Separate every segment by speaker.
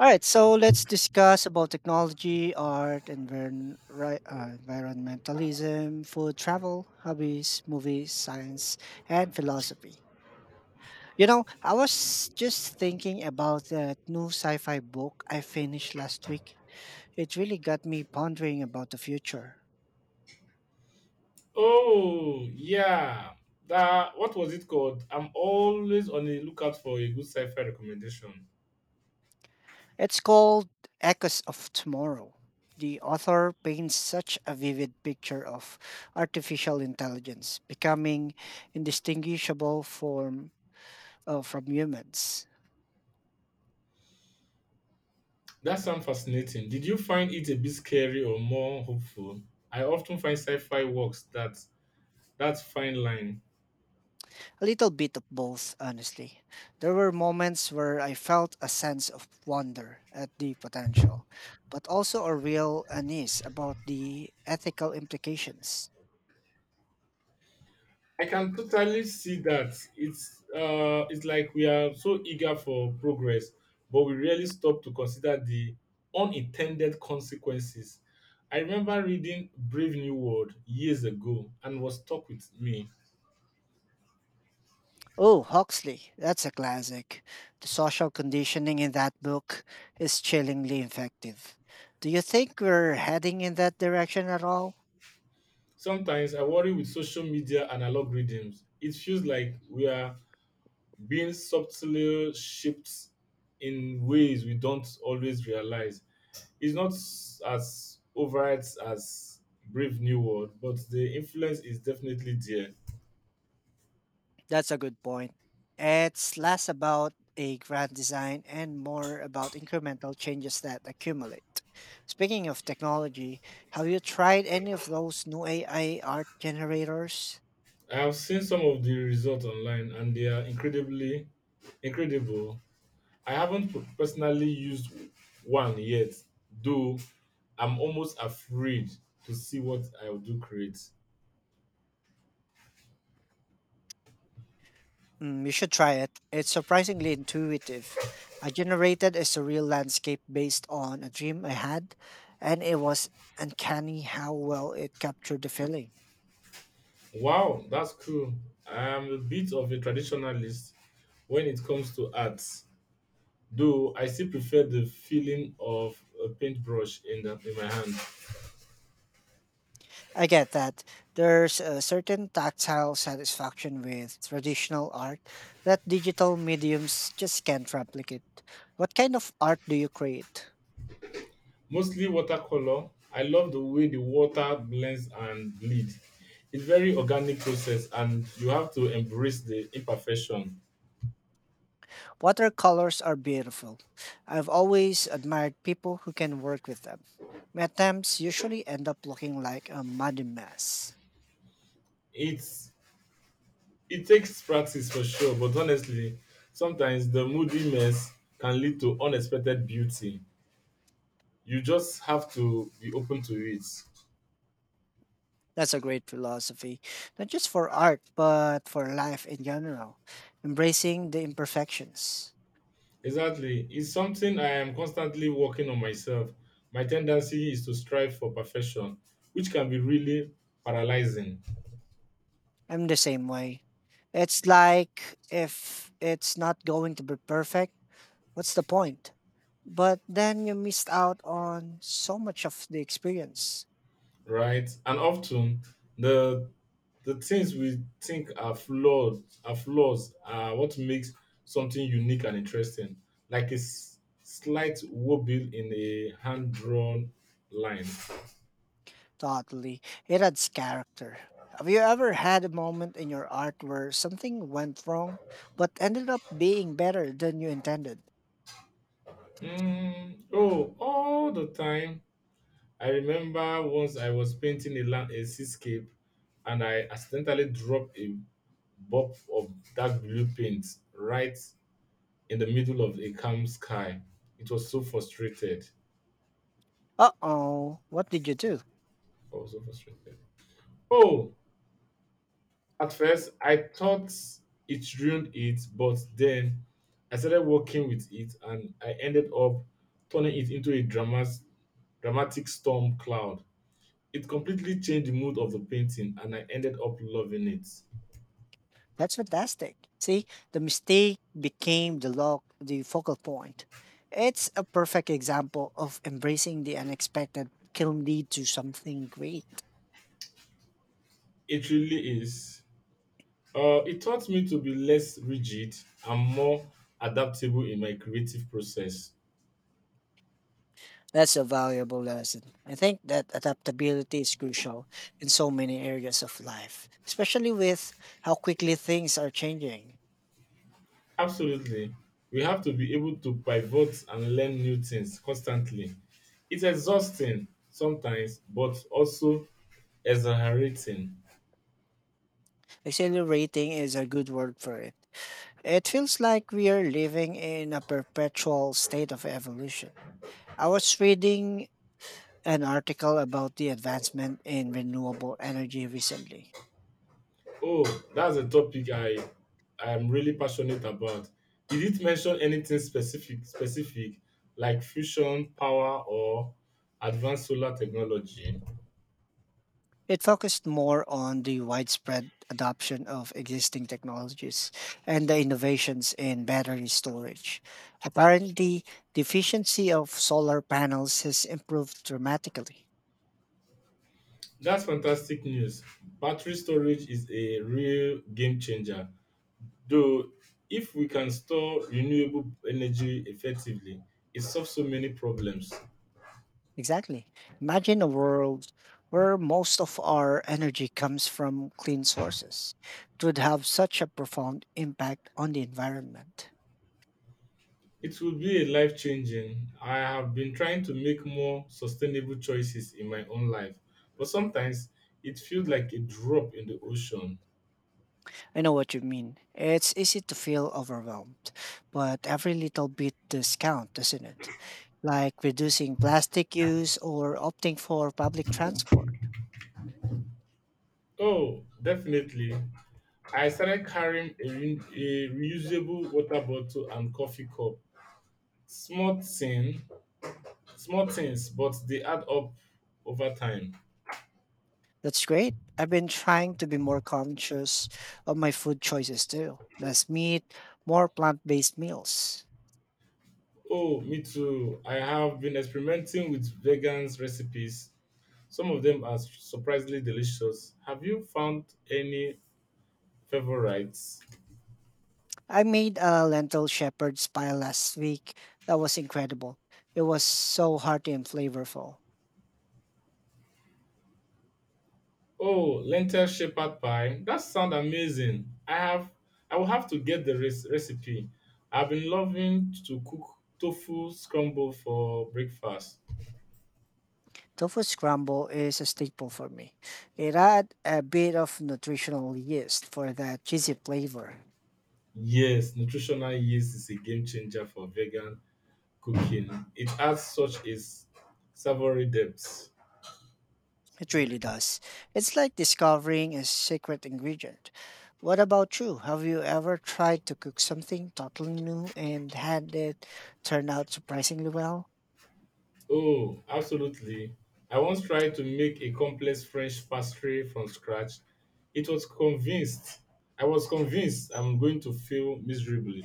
Speaker 1: All right, so let's discuss about technology, art, environmentalism, food, travel, hobbies, movies, science, and philosophy. You know, I was just thinking about that new sci-fi book I finished last week. It really got me pondering about the future.
Speaker 2: Oh, yeah. That what was it called? I'm always on the lookout for a good sci-fi recommendation.
Speaker 1: It's called Echoes of Tomorrow. The author paints such a vivid picture of artificial intelligence becoming indistinguishable from humans.
Speaker 2: That sounds fascinating. Did you find it a bit scary or more hopeful? I often find sci-fi works that fine line.
Speaker 1: A little bit of both, honestly. There were moments where I felt a sense of wonder at the potential, but also a real unease about the ethical implications.
Speaker 2: I can totally see that. It's like we are so eager for progress, but we rarely stop to consider the unintended consequences. I remember reading Brave New World years ago and was stuck with me.
Speaker 1: Oh, Huxley, that's a classic. The social conditioning in that book is chillingly effective. Do you think we're heading in that direction at all?
Speaker 2: Sometimes I worry with social media and algorithms. It feels like we are being subtly shaped in ways we don't always realize. It's not as overrides as Brave New World, but the influence is definitely there.
Speaker 1: That's a good point. It's less about a grand design and more about incremental changes that accumulate. Speaking of technology, have you tried any of those new AI art generators?
Speaker 2: I have seen some of the results online and they are incredibly incredible. I haven't personally used one yet, though I'm almost afraid to see what I'll do create.
Speaker 1: You should try it. It's surprisingly intuitive. I generated a surreal landscape based on a dream I had, and it was uncanny how well it captured the feeling.
Speaker 2: Wow, that's cool. I'm a bit of a traditionalist when it comes to art, though I still prefer the feeling of a paintbrush in my hand.
Speaker 1: I get that. There's a certain tactile satisfaction with traditional art that digital mediums just can't replicate. What kind of art do you create?
Speaker 2: Mostly watercolor. I love the way the water blends and bleed. It's very organic process, and you have to embrace the imperfection.
Speaker 1: Watercolors are beautiful. I've always admired people who can work with them. My attempts usually end up looking like a muddy mess.
Speaker 2: It's it takes practice for sure, but honestly, sometimes the moody mess can lead to unexpected beauty. You just have to be open to it.
Speaker 1: That's a great philosophy, not just for art, but for life in general, embracing the imperfections.
Speaker 2: Exactly. It's something I am constantly working on myself. My tendency is to strive for perfection, which can be really paralyzing,
Speaker 1: I'm the same way. It's like, if it's not going to be perfect, what's the point? But then you missed out on so much of the experience.
Speaker 2: right? And often the the things we think are flaws are what makes something unique and interesting, like a slight wobble in a hand drawn line.
Speaker 1: Totally. It adds character. Have you ever had a moment in your art where something went wrong but ended up being better than you intended?
Speaker 2: Oh, all the time. I remember once I was painting a seascape and I accidentally dropped a bob of dark blue paint right in the middle of a calm sky. It was so frustrated.
Speaker 1: Uh oh, what did you do?
Speaker 2: I was so frustrated. Oh, at first I thought it ruined it, but then I started working with it and I ended up turning it into a dramas dramatic storm cloud. It completely changed the mood of the painting and I ended up loving it.
Speaker 1: That's fantastic. See, the mistake became the lock, the focal point. It's a perfect example of embracing the unexpected can lead to something great.
Speaker 2: It really is. It taught me to be less rigid and more adaptable in my creative process.
Speaker 1: That's a valuable lesson. I think that adaptability is crucial in so many areas of life, especially with how quickly things are changing.
Speaker 2: Absolutely. We have to be able to pivot and learn new things constantly. It's exhausting sometimes, but also exhilarating.
Speaker 1: Accelerating is a good word for it. It feels like we are living in a perpetual state of evolution. I was reading an article about the advancement in renewable energy recently.
Speaker 2: Oh, that's a topic I am really passionate about. Did it mention anything specific like fusion power or advanced solar technology?
Speaker 1: It focused more on the widespread adoption of existing technologies and the innovations in battery storage. Apparently, the efficiency of solar panels has improved dramatically.
Speaker 2: That's fantastic news. Battery storage is a real game changer. Though, if we can store renewable energy effectively, it solves so many problems.
Speaker 1: Exactly. Imagine a world where most of our energy comes from clean sources. It would have such a profound impact on the environment.
Speaker 2: It will be a life changing. I have been trying to make more sustainable choices in my own life, but sometimes it feels like a drop in the ocean.
Speaker 1: I know what you mean. It's easy to feel overwhelmed, but every little bit does count, doesn't it? Like reducing plastic use or opting for public transport.
Speaker 2: Oh, definitely. I started carrying a reusable water bottle and coffee cup. Small thing, Small things, but they add up over time.
Speaker 1: That's great. I've been trying to be more conscious of my food choices too. Less meat, more plant based meals.
Speaker 2: Oh, me too. I have been experimenting with vegan recipes. Some of them are surprisingly delicious. Have you found any favorites?
Speaker 1: I made a lentil shepherd's pie last week. That was incredible. It was so hearty and flavorful.
Speaker 2: Oh, lentil shepherd pie. That sounds amazing. I will have to get the recipe. I've been loving to cook tofu scramble for breakfast.
Speaker 1: Tofu scramble is a staple for me. It adds a bit of nutritional yeast for that cheesy flavor.
Speaker 2: Yes, nutritional yeast is a game changer for vegan cooking. It adds such a savory depth.
Speaker 1: It really
Speaker 2: Savory depth.
Speaker 1: does. It's like discovering a secret ingredient. What about you? Have you ever tried to cook something totally new and had it turn out surprisingly well?
Speaker 2: Oh, absolutely. I once tried to make a complex French pastry from scratch. It was convinced. I was convinced I'm going to fail miserably.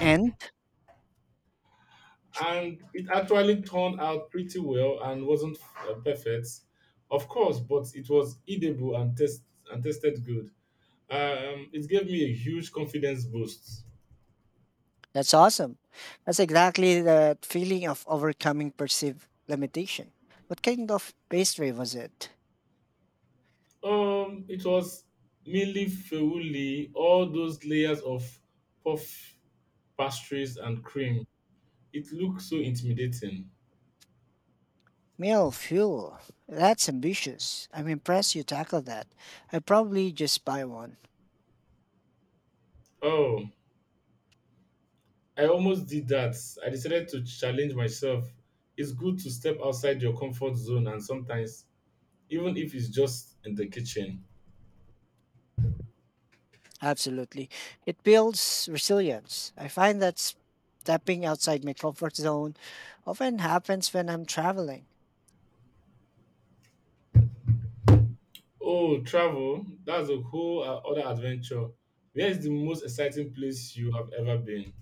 Speaker 1: And
Speaker 2: And it actually turned out pretty well and wasn't perfect, of course, but it was edible and tasted good. It gave me a huge confidence boost.
Speaker 1: that's awesome. That's exactly the feeling of overcoming perceived limitation. What kind of pastry was it?
Speaker 2: It was mainly feuli, all those layers of puff pastries and cream. It looked so intimidating.
Speaker 1: Male fuel. That's ambitious. I'm impressed you tackled that. I probably just buy one.
Speaker 2: Oh, I almost did that. I decided to challenge myself. It's good to step outside your comfort zone and sometimes, even if it's just in the kitchen.
Speaker 1: Absolutely. It builds resilience. I find that stepping outside my comfort zone often happens when I'm traveling.
Speaker 2: Oh, travel, that's a whole other adventure. Where is the most exciting place you have ever been?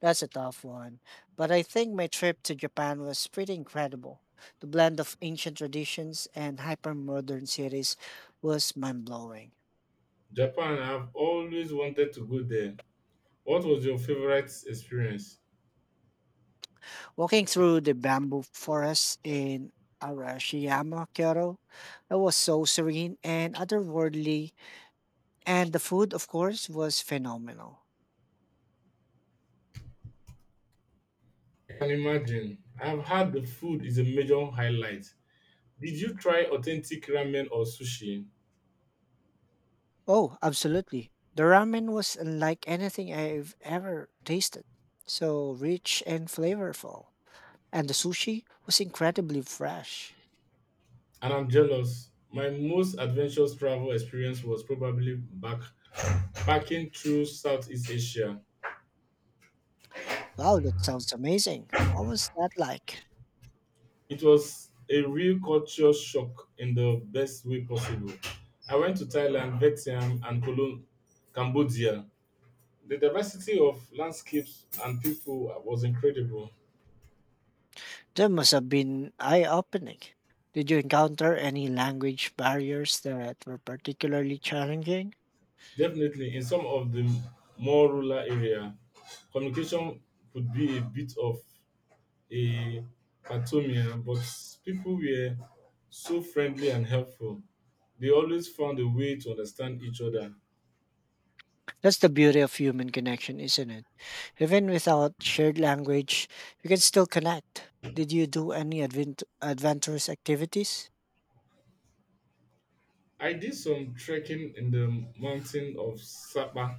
Speaker 1: That's a tough one. But I think my trip to Japan was pretty incredible. The blend of ancient traditions and hyper modern cities was mind blowing.
Speaker 2: Japan, I've always wanted to go there. What was your favorite experience?
Speaker 1: Walking through the bamboo forest in Arashiyama, Kyoto, it was so serene and otherworldly. And the food, of course, was phenomenal.
Speaker 2: I can imagine. I've had The food is a major highlight. Did you try authentic ramen or sushi?
Speaker 1: Oh, absolutely. The ramen was unlike anything I've ever tasted. So rich and flavorful. And the sushi was incredibly fresh.
Speaker 2: And I'm jealous. My most adventurous travel experience was probably back packing through Southeast Asia.
Speaker 1: Wow, that sounds amazing. What was that like?
Speaker 2: It was a real culture shock in the best way possible. I went to Thailand, Vietnam, and Cambodia. The diversity of landscapes and people was incredible.
Speaker 1: That must have been eye-opening. Did you encounter any language barriers that were particularly challenging?
Speaker 2: Definitely, in some of the more rural area, communication could be a bit of a patomia, but people were so friendly and helpful. They always found a way to understand each other.
Speaker 1: That's the beauty of human connection, isn't it? Even without shared language, you can still connect. Did you do any adventurous activities?
Speaker 2: I did some trekking in the mountain of Sapa,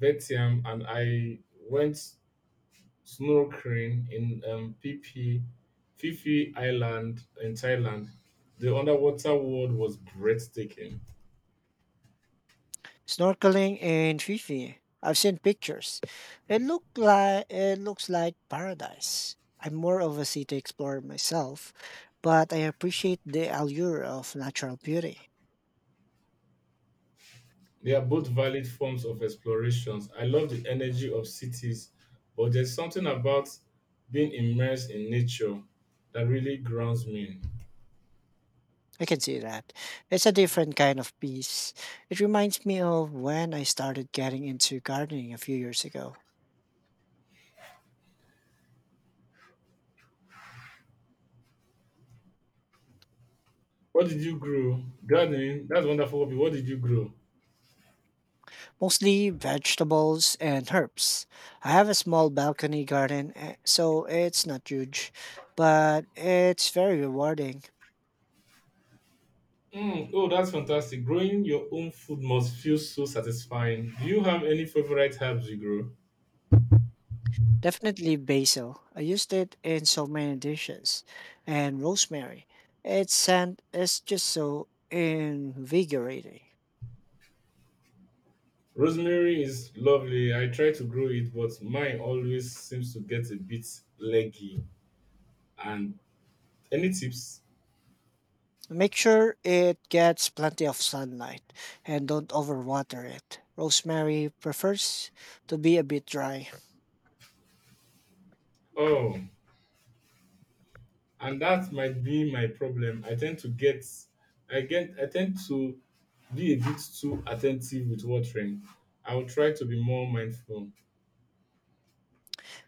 Speaker 2: Vetiam, and I went snorkeling in Phi Fifi Island in Thailand. The underwater world was breathtaking.
Speaker 1: Snorkeling in Fifi. I've seen pictures. It looks like paradise. I'm more of a city explorer myself, but I appreciate the allure of natural beauty.
Speaker 2: They are both valid forms of explorations. I love the energy of cities, but there's something about being immersed in nature that really grounds me.
Speaker 1: I can see that. It's a different kind of peace. It reminds me of when I started getting into gardening a few years ago,
Speaker 2: What did you grow? Gardening. That's wonderful. Hobby. What did you grow?
Speaker 1: mostly vegetables and herbs. I have a small balcony garden, so it's not huge, but it's very rewarding.
Speaker 2: Oh, that's fantastic. Growing your own food must feel so satisfying. Do you have any favorite herbs you grow?
Speaker 1: Definitely basil. I used it in so many dishes. And rosemary. Its scent is just so invigorating.
Speaker 2: Rosemary is lovely. I try to grow it, but mine always seems to get a bit leggy. And any tips?
Speaker 1: Make sure it gets plenty of sunlight and don't overwater it. Rosemary prefers to be a bit dry.
Speaker 2: Oh, and that might be my problem. I tend to get I tend to be a bit too attentive with watering. I will try to be more mindful.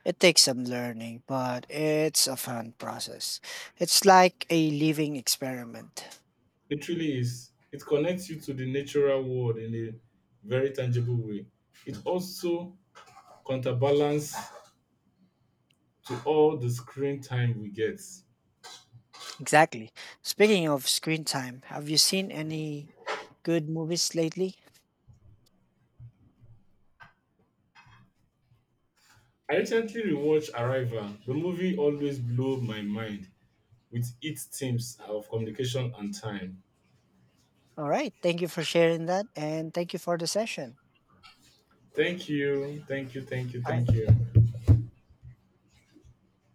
Speaker 1: It takes some learning, but it's a fun process. It's like a living experiment.
Speaker 2: It really is. It connects you to the natural world in a very tangible way. It also counterbalance to all the screen time we get.
Speaker 1: Exactly. Speaking of screen time, have you seen any good movies lately?
Speaker 2: I recently rewatched Arrival. The movie always blew my mind with its themes of communication and time.
Speaker 1: All right. Thank you for sharing that. And thank you for the session.
Speaker 2: Thank you.
Speaker 1: All right.
Speaker 2: Thank you